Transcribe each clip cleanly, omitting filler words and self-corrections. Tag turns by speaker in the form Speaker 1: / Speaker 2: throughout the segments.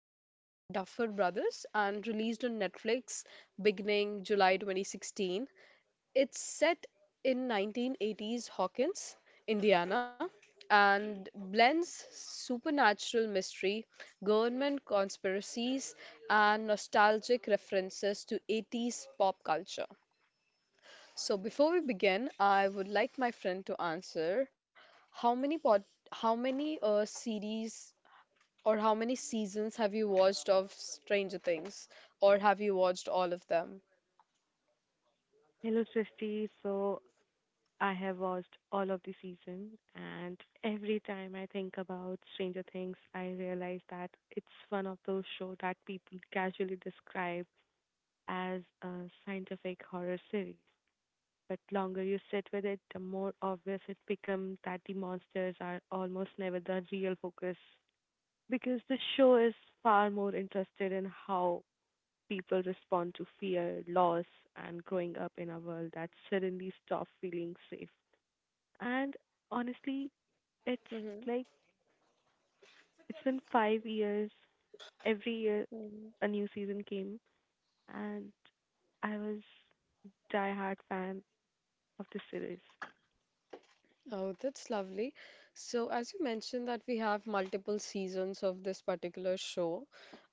Speaker 1: by Duffer Brothers and released on Netflix beginning July 2016. It's set in 1980s Hawkins, Indiana, and blends supernatural mystery, government conspiracies, and nostalgic references to 80s pop culture. So before we begin, I would like my friend to answer how many pod, how many series or how many seasons have you watched of Stranger Things, or have you watched all of them?
Speaker 2: Hello, Srishti. So I have watched all of the season, and every time I think about Stranger Things, I realize that it's one of those shows that people casually describe as a scientific horror series. But longer you sit with it, the more obvious it becomes that the monsters are almost never the real focus because the show is far more interested in how people respond to fear, loss, and growing up in a world that suddenly stops feeling safe. And honestly, it's
Speaker 1: Hmm.
Speaker 2: like it's been 5 years. Every year, a new season came, and I was die-hard fan of the series.
Speaker 1: Oh, that's lovely. So, as you mentioned that we have multiple seasons of this particular show,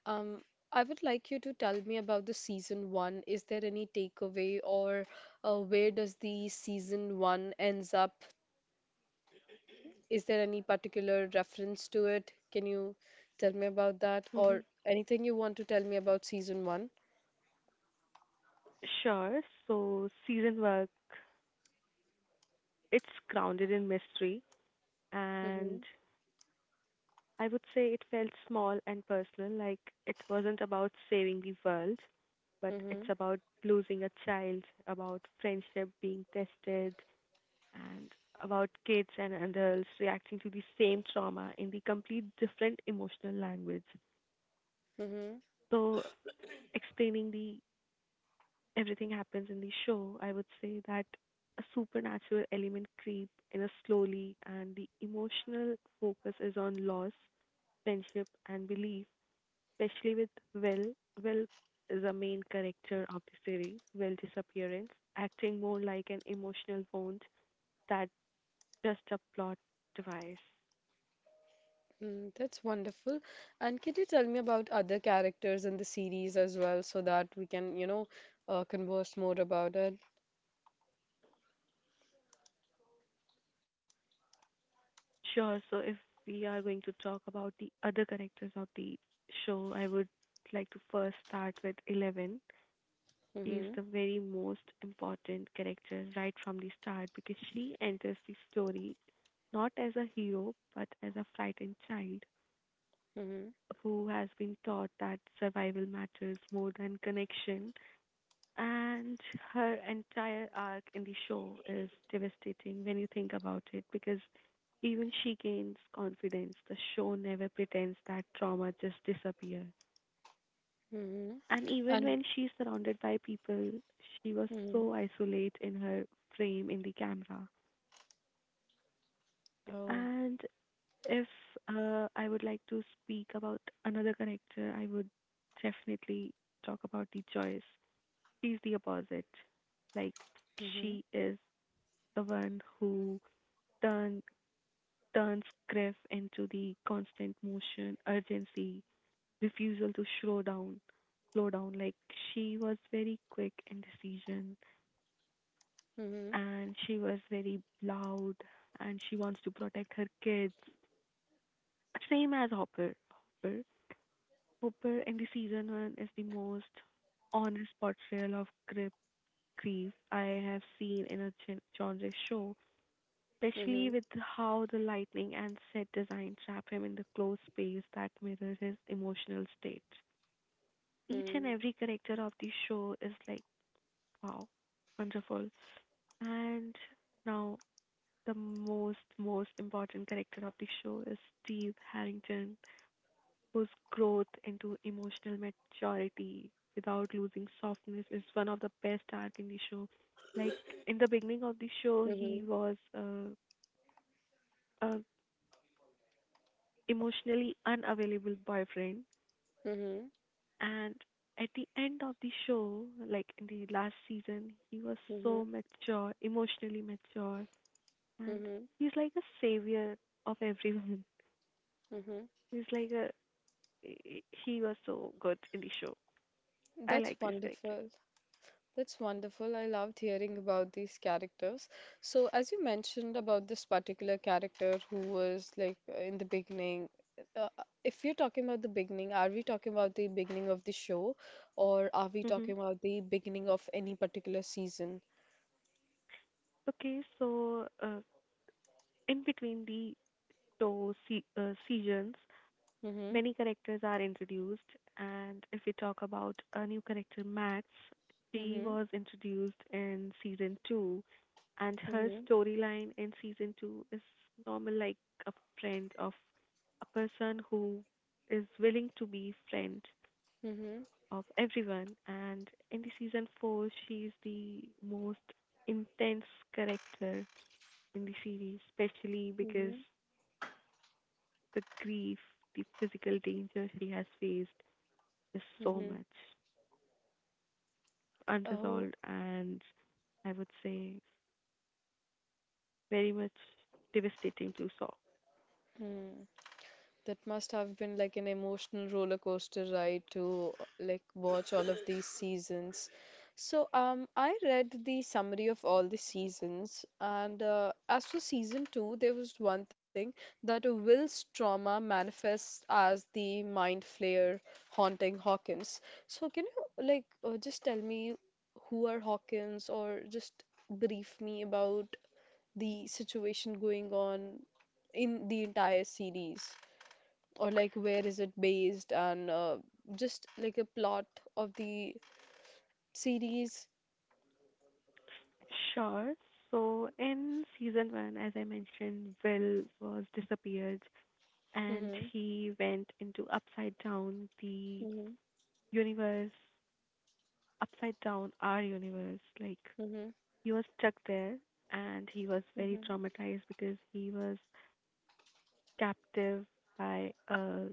Speaker 1: um, I would like you to tell me about the season one. Is there any takeaway, or where does the season one ends up? Is there any particular reference to it? Can you tell me about that
Speaker 2: hmm
Speaker 1: or anything you want to tell me about season one?
Speaker 2: Sure. So season work, it's grounded in mystery,
Speaker 1: Mm-hmm.
Speaker 2: and I would say it felt small and personal. Like it wasn't about saving the world, but
Speaker 1: Mm-hmm.
Speaker 2: it's about losing a child, about friendship being tested, and about kids and adults reacting to the same trauma in the complete different emotional language.
Speaker 1: Mm-hmm.
Speaker 2: So, explaining the everything happens in the show, I would say that a supernatural element creep in a slowly, and the emotional focus is on loss, friendship, and belief especially with Will. Will is a main character of the series. Will's disappearance, acting more like an emotional wound that just a plot device.
Speaker 1: Mm, that's wonderful. And can you tell me about other characters in the series as well so that we can, converse more about it?
Speaker 2: Sure, so if we are going to talk about the other characters of the show, I would like to first start with Eleven. She is
Speaker 1: Mm-hmm.
Speaker 2: the very most important character right from the start because she enters the story not as a hero but as a frightened child
Speaker 1: Mm-hmm.
Speaker 2: who has been taught that survival matters more than connection. And her entire arc in the show is devastating when you think about it because even she gains confidence. The show never pretends that trauma just disappears.
Speaker 1: Mm-hmm.
Speaker 2: And even
Speaker 1: And
Speaker 2: when she's surrounded by people, she was
Speaker 1: mm-hmm.
Speaker 2: so isolate in her frame in the camera.
Speaker 1: Oh.
Speaker 2: And if I would like to speak about another character, I would definitely talk about the choice. She's the opposite. Like
Speaker 1: Mm-hmm.
Speaker 2: she is the one who turn turns grief into the constant motion, urgency, refusal to slow down. Like she was very quick in decision,
Speaker 1: Mm-hmm.
Speaker 2: and she was very loud, and she wants to protect her kids. Same as Hopper. Hopper, Hopper in the season one is the most honest portrayal of grief I have seen in a genre show especially
Speaker 1: Mm-hmm.
Speaker 2: with how the lighting and set design trap him in the closed space that mirrors his emotional state. Each and every character of the show is like, wow, wonderful. And now, the most important character of the show is Steve Harrington, whose growth into emotional maturity without losing softness is one of the best arcs in the show. Like in the beginning of the show, he
Speaker 1: Mm-hmm.
Speaker 2: was a emotionally unavailable boyfriend,
Speaker 1: Mm-hmm.
Speaker 2: and at the end of the show, like in the last season, he was
Speaker 1: Mm-hmm.
Speaker 2: so mature, emotionally mature, and
Speaker 1: Mm-hmm.
Speaker 2: he's like a savior of everyone.
Speaker 1: Mm-hmm.
Speaker 2: He's like a, he was so good in the show. I
Speaker 1: That's
Speaker 2: like this character.
Speaker 1: wonderful. That's wonderful. I loved hearing about these characters. So, as you mentioned about this particular character who was like in the beginning, uh, if you're talking about the beginning, are we talking about the beginning of the show or are we talking
Speaker 2: hmm
Speaker 1: about the beginning of any particular season?
Speaker 2: okay so uh, in between the two seasons,
Speaker 1: Mm-hmm.
Speaker 2: many characters are introduced, and if we talk about a new character, Max, she
Speaker 1: Mm-hmm.
Speaker 2: was introduced in season two, and her
Speaker 1: Mm-hmm.
Speaker 2: storyline in season two is normal, like a friend of a person who is willing to be friend
Speaker 1: Mm-hmm.
Speaker 2: of everyone. And in the season four, she is the most intense character in the series, especially because
Speaker 1: Mm-hmm.
Speaker 2: the grief, the physical danger she has faced, is so
Speaker 1: Mm-hmm.
Speaker 2: much
Speaker 1: Oh,
Speaker 2: unresolved, and I would say very much devastating to solve.
Speaker 1: hmm. That must have been like an emotional roller coaster ride to like watch all of these seasons. So I read the summary of all the seasons, and as for season two, there was one thing that Will's trauma manifests as the mind flayer haunting Hawkins. So can you like just tell me who are Hawkins, or just brief me about the situation going on in the entire series? Or like, where is it based, and just like a plot of the series.
Speaker 2: Sure. So in season one, as I mentioned, Will was disappeared and
Speaker 1: Mm-hmm.
Speaker 2: he went into upside down the
Speaker 1: Mm-hmm.
Speaker 2: universe, upside down our universe. Like
Speaker 1: Mm-hmm.
Speaker 2: he was stuck there and he was very
Speaker 1: Mm-hmm.
Speaker 2: traumatized because he was captive by a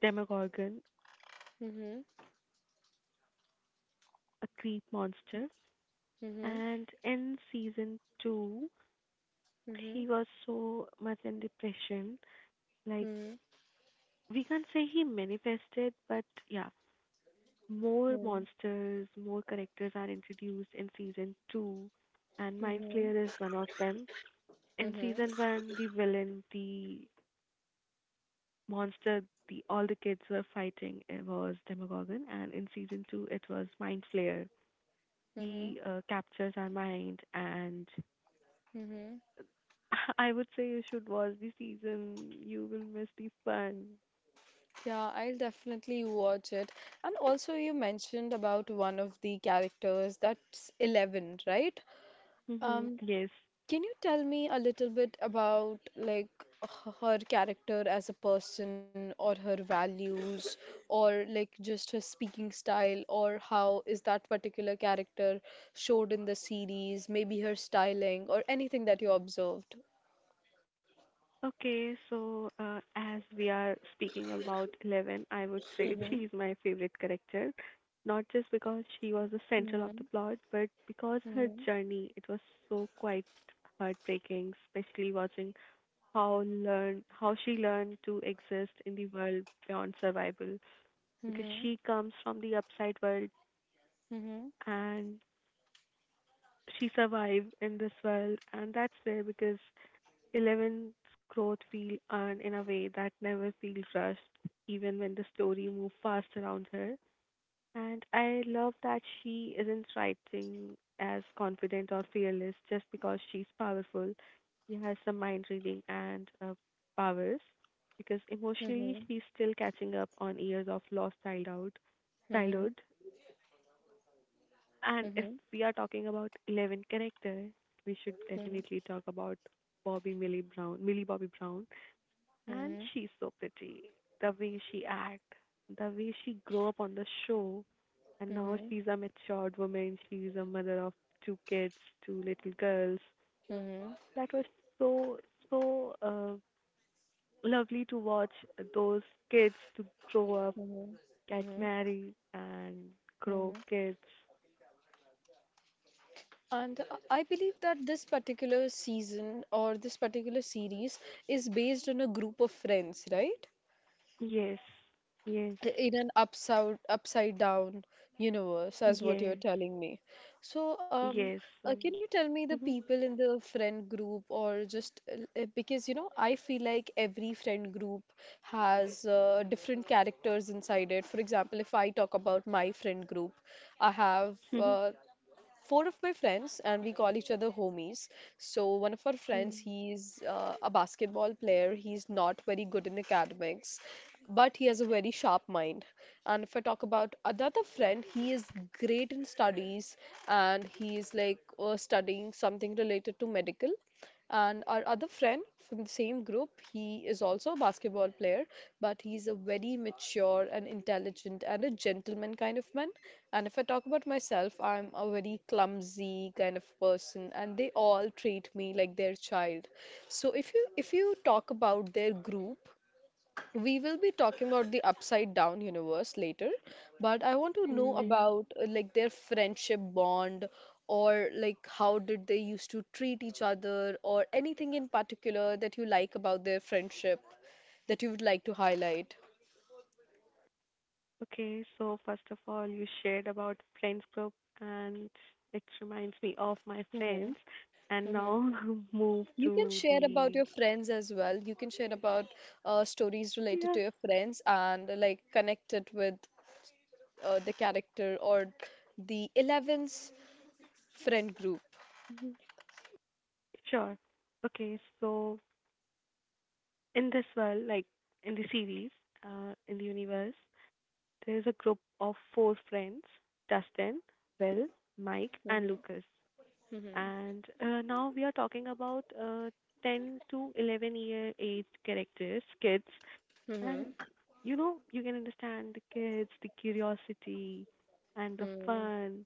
Speaker 2: demogorgon,
Speaker 1: Mm-hmm.
Speaker 2: a creep monster.
Speaker 1: Mm-hmm.
Speaker 2: And in season two,
Speaker 1: Mm-hmm.
Speaker 2: he was so much in depression. Like,
Speaker 1: Mm-hmm.
Speaker 2: we can't say he manifested, but yeah, more monsters, more characters are introduced in season two, and Mind
Speaker 1: Mm-hmm.
Speaker 2: Flayer is one of them. In
Speaker 1: Mm-hmm.
Speaker 2: season one, the villain, the monster, the all the kids were fighting it was Demogorgon, and in season two, it was Mind Flayer.
Speaker 1: Mm-hmm.
Speaker 2: He captures our mind and
Speaker 1: Mm-hmm.
Speaker 2: I would say you should watch the season. You will miss the fun.
Speaker 1: Yeah, I'll definitely watch it. And also, you mentioned about one of the characters that's 11, right?
Speaker 2: Hmm.
Speaker 1: Um,
Speaker 2: Yes.
Speaker 1: Can you tell me a little bit about like her character as a person, or her values, or like just her speaking style, or how is that particular character showed in the series, maybe her styling or anything that you observed?
Speaker 2: Okay, so as we are speaking about Eleven, I would say she
Speaker 1: Mm-hmm.
Speaker 2: is my favorite character. Not just because she was the central of
Speaker 1: Mm-hmm.
Speaker 2: the plot, but because her
Speaker 1: Mm-hmm.
Speaker 2: journey, it was so quite heartbreaking, especially watching how learn how she learned to exist in the world beyond survival. Because
Speaker 1: Mm-hmm.
Speaker 2: she comes from the upside world
Speaker 1: Mm-hmm.
Speaker 2: and she survived in this world, and that's rare because Eleven's growth feel earned in a way that never feels rushed, even when the story moves fast around her. And I love that she isn't writing as confident or fearless just because she's powerful. She has some mind reading and powers because emotionally
Speaker 1: Mm-hmm.
Speaker 2: she's still catching up on years of lost childhood.
Speaker 1: Mm-hmm.
Speaker 2: Childhood, and
Speaker 1: Mm-hmm.
Speaker 2: if
Speaker 1: Mm-hmm.
Speaker 2: we are talking about Eleven character, we should
Speaker 1: Mm-hmm.
Speaker 2: definitely talk about Millie Bobby Brown, and she's so pretty. The way she act, the way she grew up on the show, and now
Speaker 1: Mm-hmm.
Speaker 2: she's a matured woman. She's a mother of two kids, two little girls.
Speaker 1: Mm-hmm.
Speaker 2: That was so so uh, lovely to watch those kids to grow up, get
Speaker 1: Mm-hmm.
Speaker 2: married, and
Speaker 1: Mm-hmm.
Speaker 2: grow kids.
Speaker 1: And I believe that this particular season or this particular series is based on a group of friends, right?
Speaker 2: Yes, yes.
Speaker 1: In an upside down universe, as what
Speaker 2: Yes.
Speaker 1: you're telling me. So,
Speaker 2: Yes. So.
Speaker 1: can you tell me the
Speaker 2: Mhm.
Speaker 1: people in the friend group, or just because you know, I feel like every friend group has different characters inside it. For example, if I talk about my friend group, I have
Speaker 2: Mhm.
Speaker 1: four of my friends, and we call each other homies. So, one of our friends,
Speaker 2: Mm.
Speaker 1: he's a basketball player. He's not very good in academics, but he has a very sharp mind. And if I talk about another friend, he is great in studies and he is like studying something related to medical. And our other friend from the same group, he is also a basketball player, but he's a very mature and intelligent and a gentleman kind of man. And if I talk about myself, I'm a very clumsy kind of person, and they all treat me like their child. So if you talk about their group, we will be talking about the upside down universe later, but I want to
Speaker 2: Mm,
Speaker 1: know
Speaker 2: yeah.
Speaker 1: about like their friendship bond, or like how did they used to treat each other, or anything in particular that you like about their friendship that you would like to highlight.
Speaker 2: Okay. So first of all, you shared about friends group, and it reminds me of my
Speaker 1: Hmm.
Speaker 2: friends. And
Speaker 1: Hmm.
Speaker 2: now move
Speaker 1: You can
Speaker 2: to
Speaker 1: share about
Speaker 2: the
Speaker 1: your friends as well. You can share about stories related
Speaker 2: yeah.
Speaker 1: to your friends and like connect it with the character or the 11th friend group.
Speaker 2: Mhm. Sure. Okay. So in this world, like in the series, in the universe, there is a group of four friends: Dustin, Will, Mike, and
Speaker 1: Hmm.
Speaker 2: Lucas.
Speaker 1: Hmm.
Speaker 2: And now we are talking about 10 to 11 year aged characters, kids. And
Speaker 1: Mm-hmm.
Speaker 2: you know, you can understand the kids, the curiosity, and the
Speaker 1: Mm-hmm.
Speaker 2: fun,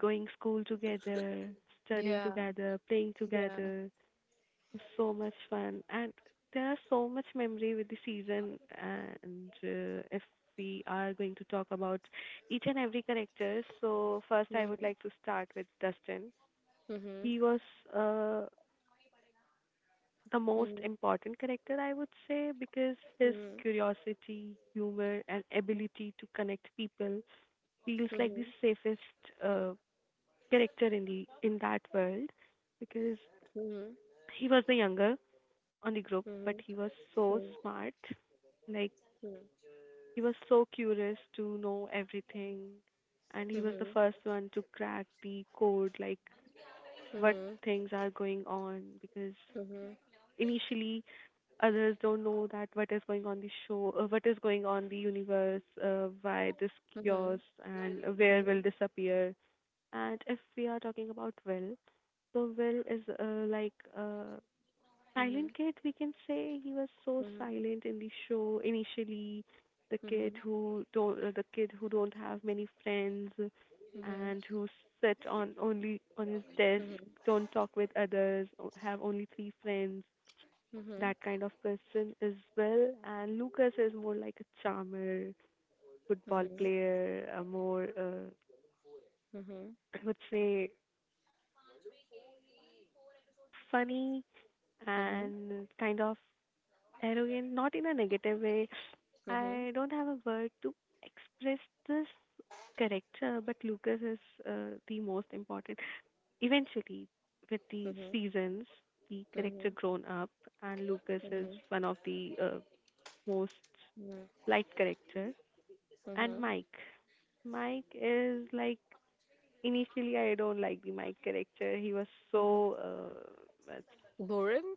Speaker 2: going school together, studying
Speaker 1: Yeah.
Speaker 2: together, playing
Speaker 1: Yeah.
Speaker 2: together. So much fun. And there are so much memory with the season. And if we are going to talk about each and every character, so first I would
Speaker 1: Mm-hmm.
Speaker 2: like to start with Dustin.
Speaker 1: Mm-hmm.
Speaker 2: He was uh, the most
Speaker 1: Mm-hmm.
Speaker 2: important character, I would say, because his curiosity, humor, and ability to connect people feels like the
Speaker 1: Mm-hmm.
Speaker 2: safest character in the in that world because
Speaker 1: Mm-hmm.
Speaker 2: he was the younger on the group, but
Speaker 1: Mm-hmm.
Speaker 2: he was
Speaker 1: Mm-hmm.
Speaker 2: so smart. Like he was so curious to know everything, and he was the first one to crack the code, like what things are going on because initially others don't know that what is going on the show, what is going on the universe, why this chaos, and where will disappear. And if we are talking about Will, so Will is like a silent kid. We can say he was so silent in the show initially. The kid who don't have many friends, and who sit on only on his desk, don't talk with others, have only three friends, that kind of person as well. And Lucas is more like a charmer, football player, a more, I would say, funny and kind of arrogant, not in a negative way. I don't have a word to express this character, but Lucas is the most important. Eventually, with the seasons, the character grown up, and Lucas
Speaker 1: Mm-hmm. Mm-hmm.
Speaker 2: is
Speaker 1: Mm-hmm.
Speaker 2: one of the most liked character. And Mike. Mike is like initially I don't like the Mike character. He was so
Speaker 1: Boring?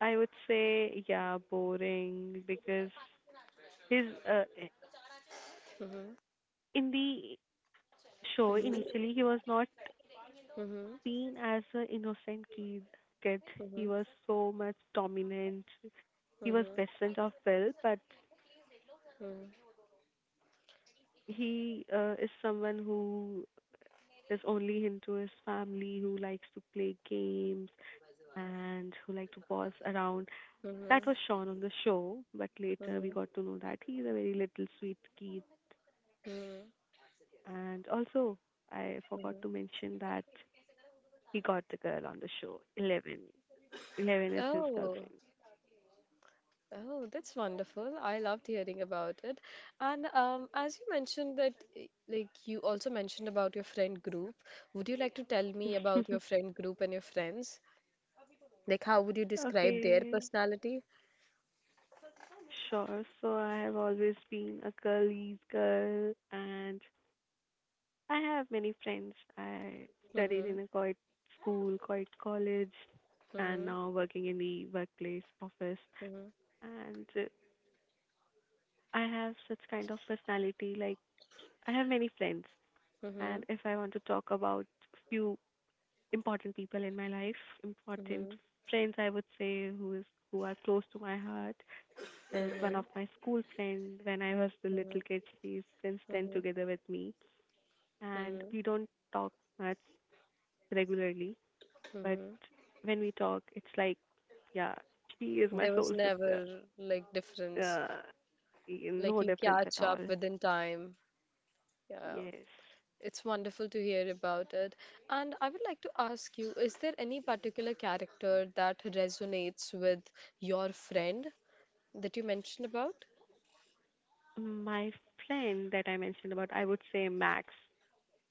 Speaker 2: I would say yeah boring because his in the show initially he was not
Speaker 1: Mm-hmm.
Speaker 2: seen as an innocent kid. Kid he
Speaker 1: Mm-hmm.
Speaker 2: was so much dominant. He was peasant of will, but he is someone who is only into his family, who likes to play games, and who like to boss around. That was
Speaker 1: Mm-hmm.
Speaker 2: Sean on the show, but later we got
Speaker 1: Mm-hmm.
Speaker 2: to know that he's a very little sweet kid.
Speaker 1: Mm-hmm.
Speaker 2: And also, I forgot to mention that he got the girl on the show, Eleven. Eleven is his
Speaker 1: Oh.
Speaker 2: girlfriend.
Speaker 1: Oh, that's wonderful. I loved hearing about it. And as you mentioned that, like, you also mentioned about your friend group. Would you like to tell me about your friend group and your friends? Like, how would you describe their
Speaker 2: Okay,
Speaker 1: personality?
Speaker 2: sure. So I have always been a girlies girl, and I have many friends. I studied
Speaker 1: Mm-hmm.
Speaker 2: in a co-ed school, co-ed college, and
Speaker 1: Mm-hmm.
Speaker 2: now working in the workplace office.
Speaker 1: Mm-hmm.
Speaker 2: And I have such kind of personality. Like I have many friends,
Speaker 1: Mm-hmm.
Speaker 2: and if I want to talk about few important people in my life, important
Speaker 1: Mm-hmm.
Speaker 2: friends, I would say who is who are close to my heart. There's one of my school friend when I was the little kid. She's since then together with me, and we don't talk much regularly. But when we talk, it's like, yeah, she is my
Speaker 1: There
Speaker 2: soul
Speaker 1: was
Speaker 2: sister.
Speaker 1: never, like, difference.
Speaker 2: Uh,
Speaker 1: Like,
Speaker 2: no
Speaker 1: you
Speaker 2: difference at
Speaker 1: catch up
Speaker 2: all.
Speaker 1: within time. Yeah.
Speaker 2: Yes.
Speaker 1: It's wonderful to hear about it. And I would like to ask you, is there any particular character that resonates with your friend that you mentioned about?
Speaker 2: My friend that I mentioned about, I would say Max.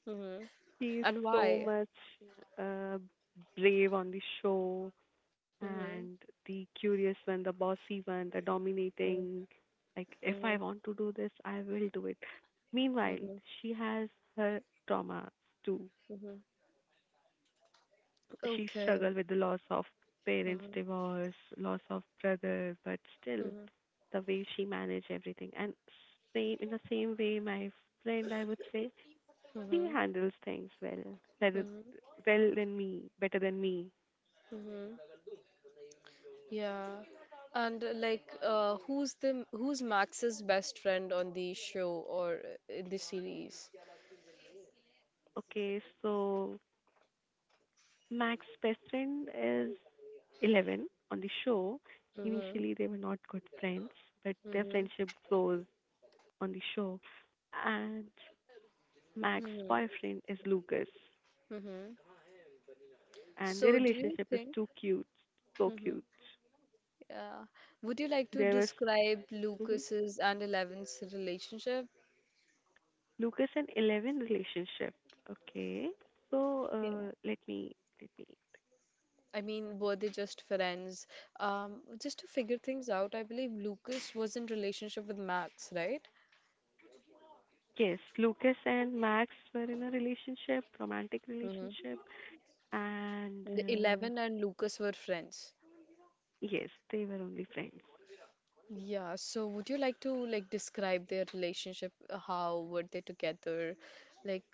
Speaker 1: Mm-hmm.
Speaker 2: She's
Speaker 1: And
Speaker 2: so
Speaker 1: why?
Speaker 2: much uh, brave on the show
Speaker 1: Mm-hmm.
Speaker 2: and the curious one, the bossy one, the dominating. Like, if I
Speaker 1: Mm-hmm.
Speaker 2: want to do this, I will do it. Meanwhile,
Speaker 1: Mm-hmm.
Speaker 2: she has her traumas too.
Speaker 1: Mm-hmm.
Speaker 2: She
Speaker 1: Okay.
Speaker 2: struggled with the loss of parents'
Speaker 1: Mm-hmm.
Speaker 2: divorce, loss of brother, but still,
Speaker 1: Mm-hmm.
Speaker 2: the way she managed everything. And same in the same way, my friend, I would say he
Speaker 1: Mm-hmm.
Speaker 2: handles things well, rather
Speaker 1: Mm-hmm.
Speaker 2: well than me, better than me.
Speaker 1: Mm-hmm. Yeah. And like, who's Max's best friend on the show, or in the series?
Speaker 2: Okay, so Mac's best friend is Eleven on the show.
Speaker 1: Mm-hmm.
Speaker 2: Initially, they were not good friends, but their
Speaker 1: Mm-hmm.
Speaker 2: friendship grows on the show. And Mac's
Speaker 1: Mm-hmm.
Speaker 2: boyfriend is Lucas,
Speaker 1: Mm-hmm.
Speaker 2: and their
Speaker 1: So, do you
Speaker 2: relationship is
Speaker 1: think?
Speaker 2: too cute, so cute.
Speaker 1: Yeah. Would you like to
Speaker 2: There was
Speaker 1: describe
Speaker 2: mhm,
Speaker 1: Lucas's and Eleven's relationship?
Speaker 2: Lucas and Eleven relationship. Okay, so
Speaker 1: Yeah.
Speaker 2: let me.
Speaker 1: I mean, were they just friends? Just to figure things out, I believe Lucas was in relationship with Max, right?
Speaker 2: Yes, Lucas and Max were in a relationship, romantic
Speaker 1: Mm-hmm.
Speaker 2: relationship, and
Speaker 1: And Eleven and Lucas were friends.
Speaker 2: yes, they were only friends.
Speaker 1: Yeah, so would you like to like describe their relationship? How were they together? Like,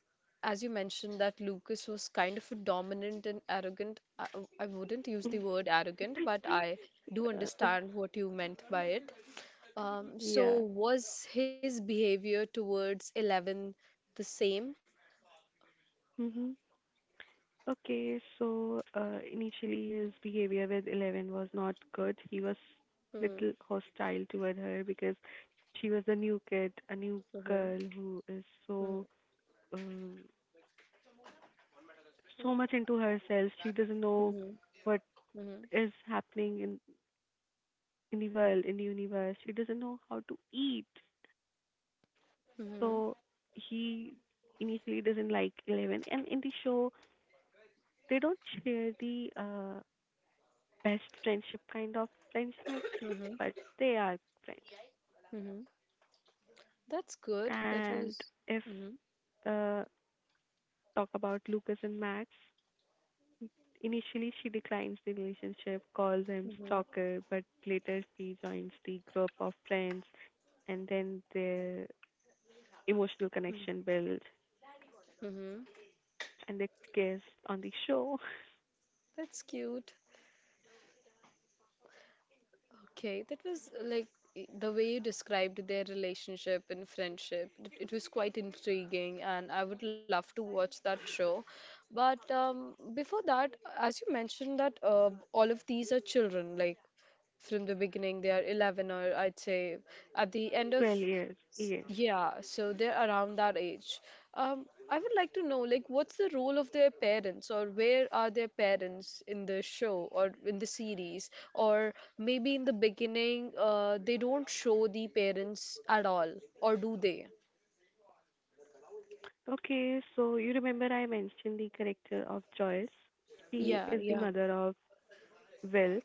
Speaker 1: as you mentioned that Lucas was kind of a dominant and arrogant. I wouldn't use the
Speaker 2: Mm.
Speaker 1: word arrogant, but I do
Speaker 2: Uh,
Speaker 1: understand what you meant by it. Um,
Speaker 2: yeah.
Speaker 1: so was his behavior towards Eleven the same?
Speaker 2: Hmm. Okay, so initially his behavior with Eleven was not good. He was
Speaker 1: Mm,
Speaker 2: little hostile toward her because she was a new kid, a new
Speaker 1: mhm,
Speaker 2: girl who is
Speaker 1: mhm,
Speaker 2: so um, so much into herself. She doesn't know
Speaker 1: mhm,
Speaker 2: what
Speaker 1: mhm,
Speaker 2: is happening in the world, in the universe. He doesn't know how to eat.
Speaker 1: mhm,
Speaker 2: So he initially doesn't like Eleven. And in the show, they don't share the best friendship, kind of friendship,
Speaker 1: mhm,
Speaker 2: but they are friends.
Speaker 1: mhm. That's good. That
Speaker 2: And
Speaker 1: was.
Speaker 2: if
Speaker 1: Mm-hmm.
Speaker 2: uh, talk about Lucas and Max, initially she declines the relationship, calls him
Speaker 1: Mm-hmm.
Speaker 2: stalker, but later she joins the group of friends, and then their emotional connection builds
Speaker 1: Mm-hmm.
Speaker 2: and their guest on the show.
Speaker 1: That's cute. Okay, that was like the way you described their relationship and friendship. It was quite intriguing, and I would love to watch that show. But before that, as you mentioned that all of these are children, like from the beginning they are 11, or I'd say at the end of,
Speaker 2: 12 years. Yes.
Speaker 1: yeah, so they're around that age. Um, I would like to know, like, what's the role of their parents, or where are their parents in the show or in the series? Or maybe in the beginning, they don't show the parents at all, or do they?
Speaker 2: Okay, so you remember I mentioned the character of Joyce. She
Speaker 1: Yeah,
Speaker 2: is the
Speaker 1: yeah.
Speaker 2: mother of Will,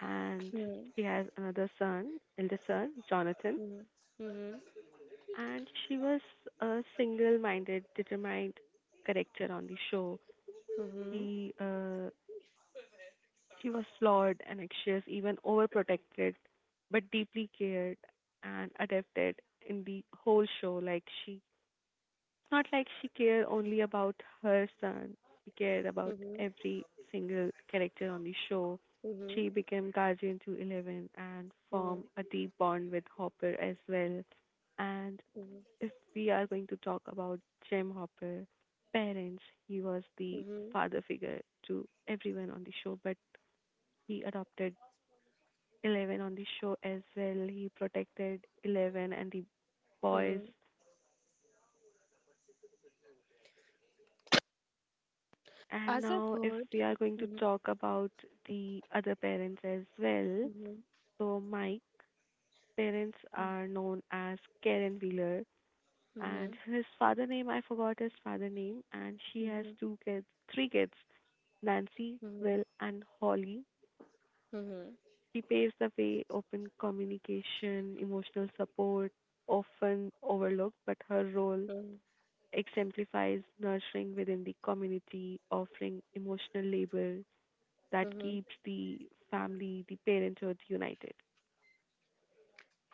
Speaker 2: and
Speaker 1: Hmm.
Speaker 2: she has another son, elder son, Jonathan.
Speaker 1: Mhm.
Speaker 2: And she was a single-minded, determined character on the show.
Speaker 1: Mhm.
Speaker 2: She uh, she was flawed and anxious, even overprotected, but deeply cared and adapted in the whole show. Like she. It's not like she cared only about her son. She cared about
Speaker 1: Mhm.
Speaker 2: every single character on the show.
Speaker 1: Mhm.
Speaker 2: She became guardian to Eleven and
Speaker 1: Mhm.
Speaker 2: formed a deep bond with Hopper as well. And if we are going to talk about Jim Hopper, parents, he was the
Speaker 1: Mhm.
Speaker 2: father figure to everyone on the show, but he adopted Eleven on the show as well. He protected Eleven and the boys. And now, if we are going to
Speaker 1: Mhm.
Speaker 2: talk about the other parents as well,
Speaker 1: Mhm. Mhm. Mhm.
Speaker 2: so Mike's parents are known as Karen Wheeler, and
Speaker 1: Mhm.
Speaker 2: his father name, I forgot his father name, and she has
Speaker 1: Mhm.
Speaker 2: three kids, Nancy,
Speaker 1: Mhm.
Speaker 2: Will, and Holly.
Speaker 1: Mhm.
Speaker 2: She paves the way, open communication, emotional support, often overlooked, but her role
Speaker 1: Mhm.
Speaker 2: exemplifies nurturing within the community, offering emotional labor that
Speaker 1: Mhm.
Speaker 2: keeps the family, the parenthood united.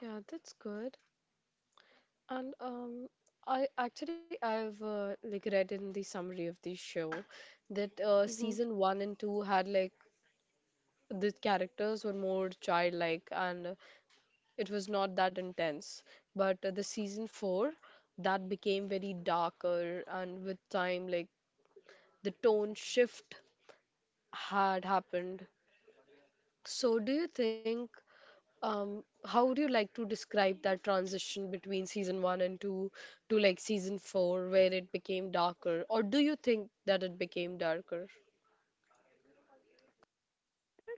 Speaker 1: Yeah, that's good. And I actually, I've like read in the summary of the show that
Speaker 2: Mhm.
Speaker 1: season one and two had like the characters were more childlike and it was not that intense. But the season four, that became very darker, and with time like the tone shift had happened. So do you think? How do you like to describe that transition between season one and two to like season four, where it became darker, or do you think that it became darker?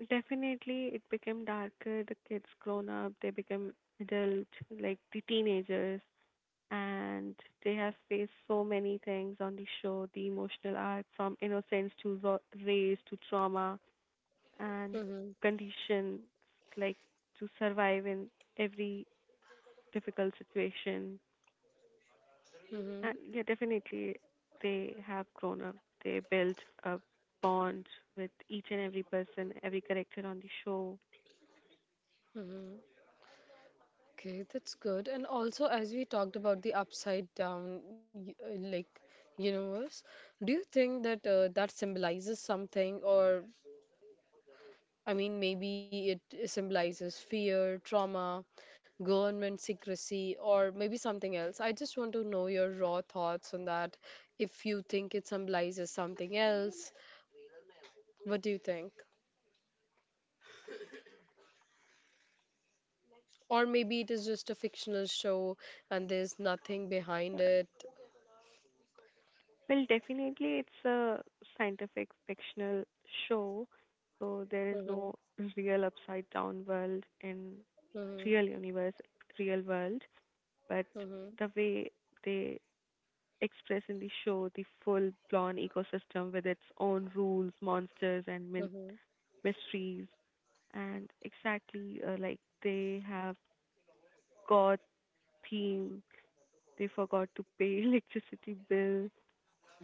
Speaker 2: Definitely, it became darker. The kids grown up, they become adult, like the teenagers, and they have faced so many things on the show. The emotional arc from innocence to race to trauma and
Speaker 1: Mm-hmm.
Speaker 2: conditions, like to survive in every difficult situation.
Speaker 1: Mm-hmm.
Speaker 2: And yeah, definitely they have grown up. They built a bond with each and every person, every character on the show.
Speaker 1: Mm-hmm. Okay, that's good. And also, as we talked about the upside down, like universe, do you think that that symbolizes something, or I mean, maybe it symbolizes fear, trauma, government secrecy, or maybe something else. I just want to know your raw thoughts on that. If you think it symbolizes something else, what do you think? Or maybe it is just a fictional show and there's nothing
Speaker 2: Uh,
Speaker 1: behind it.
Speaker 2: Well, definitely it's a scientific fictional show, so there is
Speaker 1: Mhm,
Speaker 2: no real upside down world in
Speaker 1: mhm,
Speaker 2: real universe, real world. But
Speaker 1: mhm,
Speaker 2: the way they express in the show, the full blown ecosystem with its own rules, monsters, and
Speaker 1: mhm,
Speaker 2: mysteries, and exactly like they have got theme, they forgot to pay electricity bill,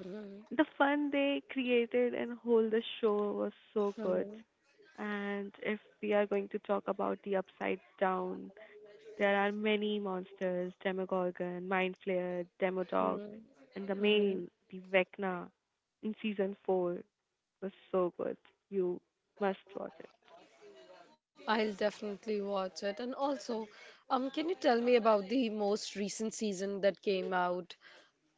Speaker 1: mhm,
Speaker 2: the fun they created, and whole the show was so good.
Speaker 1: mhm,
Speaker 2: And if we are going to talk about the upside down, there are many monsters, demogorgon, mind flayer, demodog,
Speaker 1: mhm,
Speaker 2: and the main,
Speaker 1: mhm.
Speaker 2: the vecna in season 4 was so good, you must watch it.
Speaker 1: I'll definitely watch it. And also, can you tell me about the most recent season that came out?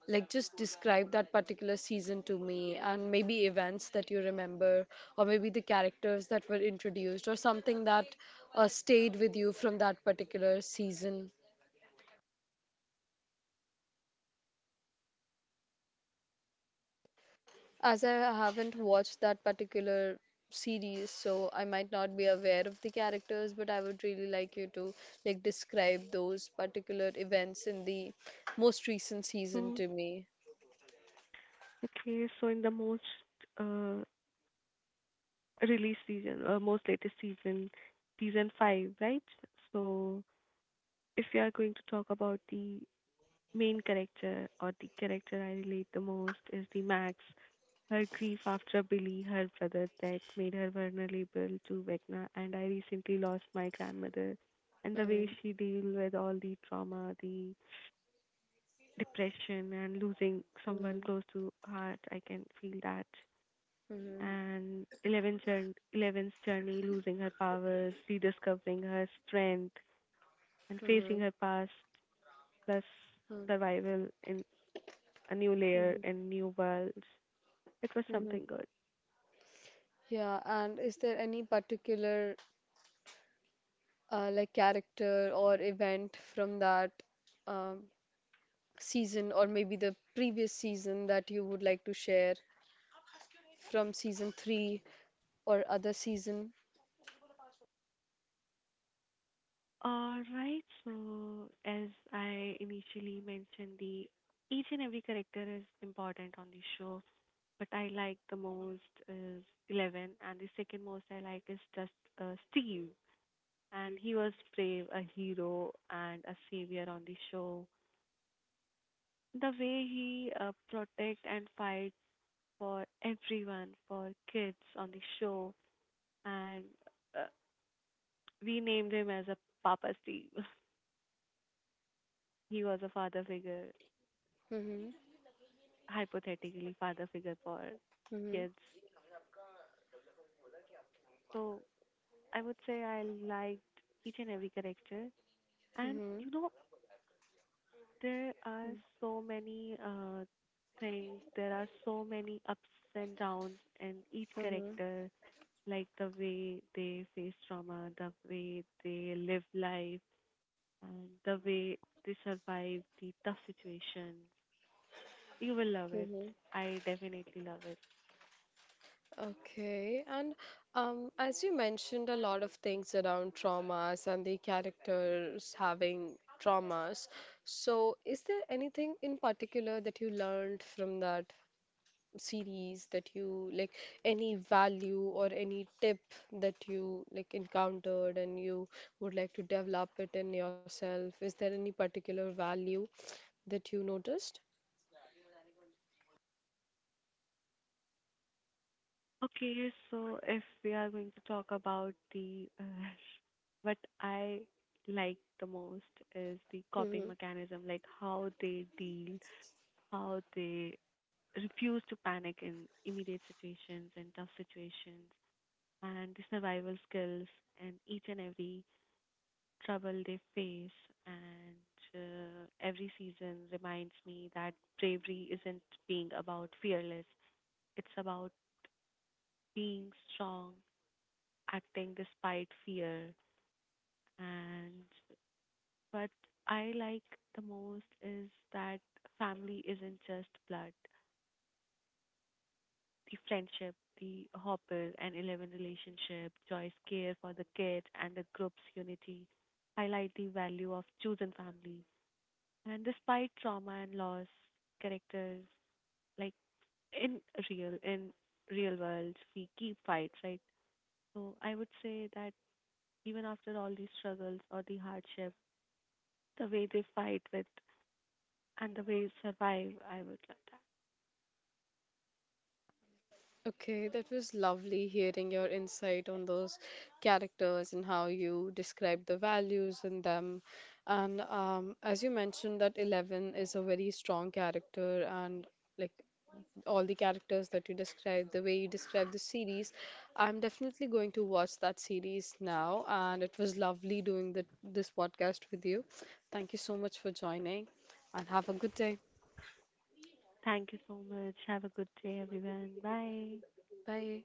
Speaker 1: Like, just describe that particular season to me, and maybe events that you remember, or maybe the characters that were introduced, or something that stayed with you from that particular season. As I haven't watched that particular series, so I might not be aware of the characters, but I would really like you to like describe those particular events in the most recent season
Speaker 2: Hmm.
Speaker 1: to me.
Speaker 2: Okay, so in the most uh, release season, most latest season, season five, right? So if you are going to talk about the main character or the character I relate the most is the Max. Her grief after Billy, her brother, that made her vulnerable to Vecna, and I recently lost my grandmother. And the way
Speaker 1: Mm-hmm.
Speaker 2: she deal with all the trauma, the depression, and losing someone
Speaker 1: Mm-hmm.
Speaker 2: close to heart, I can feel that.
Speaker 1: Mm-hmm.
Speaker 2: And Eleven's journey, losing her powers, rediscovering her strength, and facing
Speaker 1: Mm-hmm.
Speaker 2: her past, plus survival in a new layer
Speaker 1: Mm-hmm.
Speaker 2: and new worlds. It was
Speaker 1: Mm-hmm.
Speaker 2: something good.
Speaker 1: Yeah, and is there any particular like character or event from that um, season, or maybe the previous season, that you would like to share from season three or other season?
Speaker 2: All right, so as I initially mentioned, the each and every character is important on the show, but I like the most is Eleven, and the second most I like is just Steve. And he was brave, a hero, and a savior on the show. The way he protect and fight for everyone, for kids on the show, and uh, we named him as a Papa Steve. He was a father figure,
Speaker 1: Mm-hmm.
Speaker 2: hypothetically father figure for
Speaker 1: Mm-hmm.
Speaker 2: kids. So I would say I liked each and every character. And
Speaker 1: Mm-hmm.
Speaker 2: you know, there are so many things. There are so many ups and downs, and each character, like the way they face trauma, the way they live life, and the way they survive the tough situations. You will love it. I definitely love it.
Speaker 1: Okay, and as you mentioned, a lot of things around traumas and the characters having traumas. So, is there anything in particular that you learned from that series that you like, any value or any tip that you like encountered, and you would like to develop it in yourself? Is there any particular value that you noticed?
Speaker 2: Okay, so if we are going to talk about the what I like the most is the coping mechanism, like how they deal, how they refuse to panic in immediate situations and tough situations, and the survival skills and each and every trouble they face, and every season reminds me that bravery isn't being about fearless, it's about being strong, acting despite fear. And what I like the most is that family isn't just blood, the friendship, the Hopper and Eleven relationship, Joy's care for the kid, and the group's unity highlight the value of chosen family. And despite trauma and loss, characters like in in real world we keep fights, right? So I would say that even after all these struggles or the hardship, the way they fight with and the way they survive, I would love that.
Speaker 1: Okay, that was lovely hearing your insight on those characters and how you describe the values in them. And as you mentioned, that Eleven is a very strong character, and like all the characters that you described, the way you described the series, I'm definitely going to watch that series now. And it was lovely doing this podcast with you. Thank you so much for joining, and have a good day.
Speaker 2: Thank you so much. Have a good day, everyone. Bye.
Speaker 1: Bye.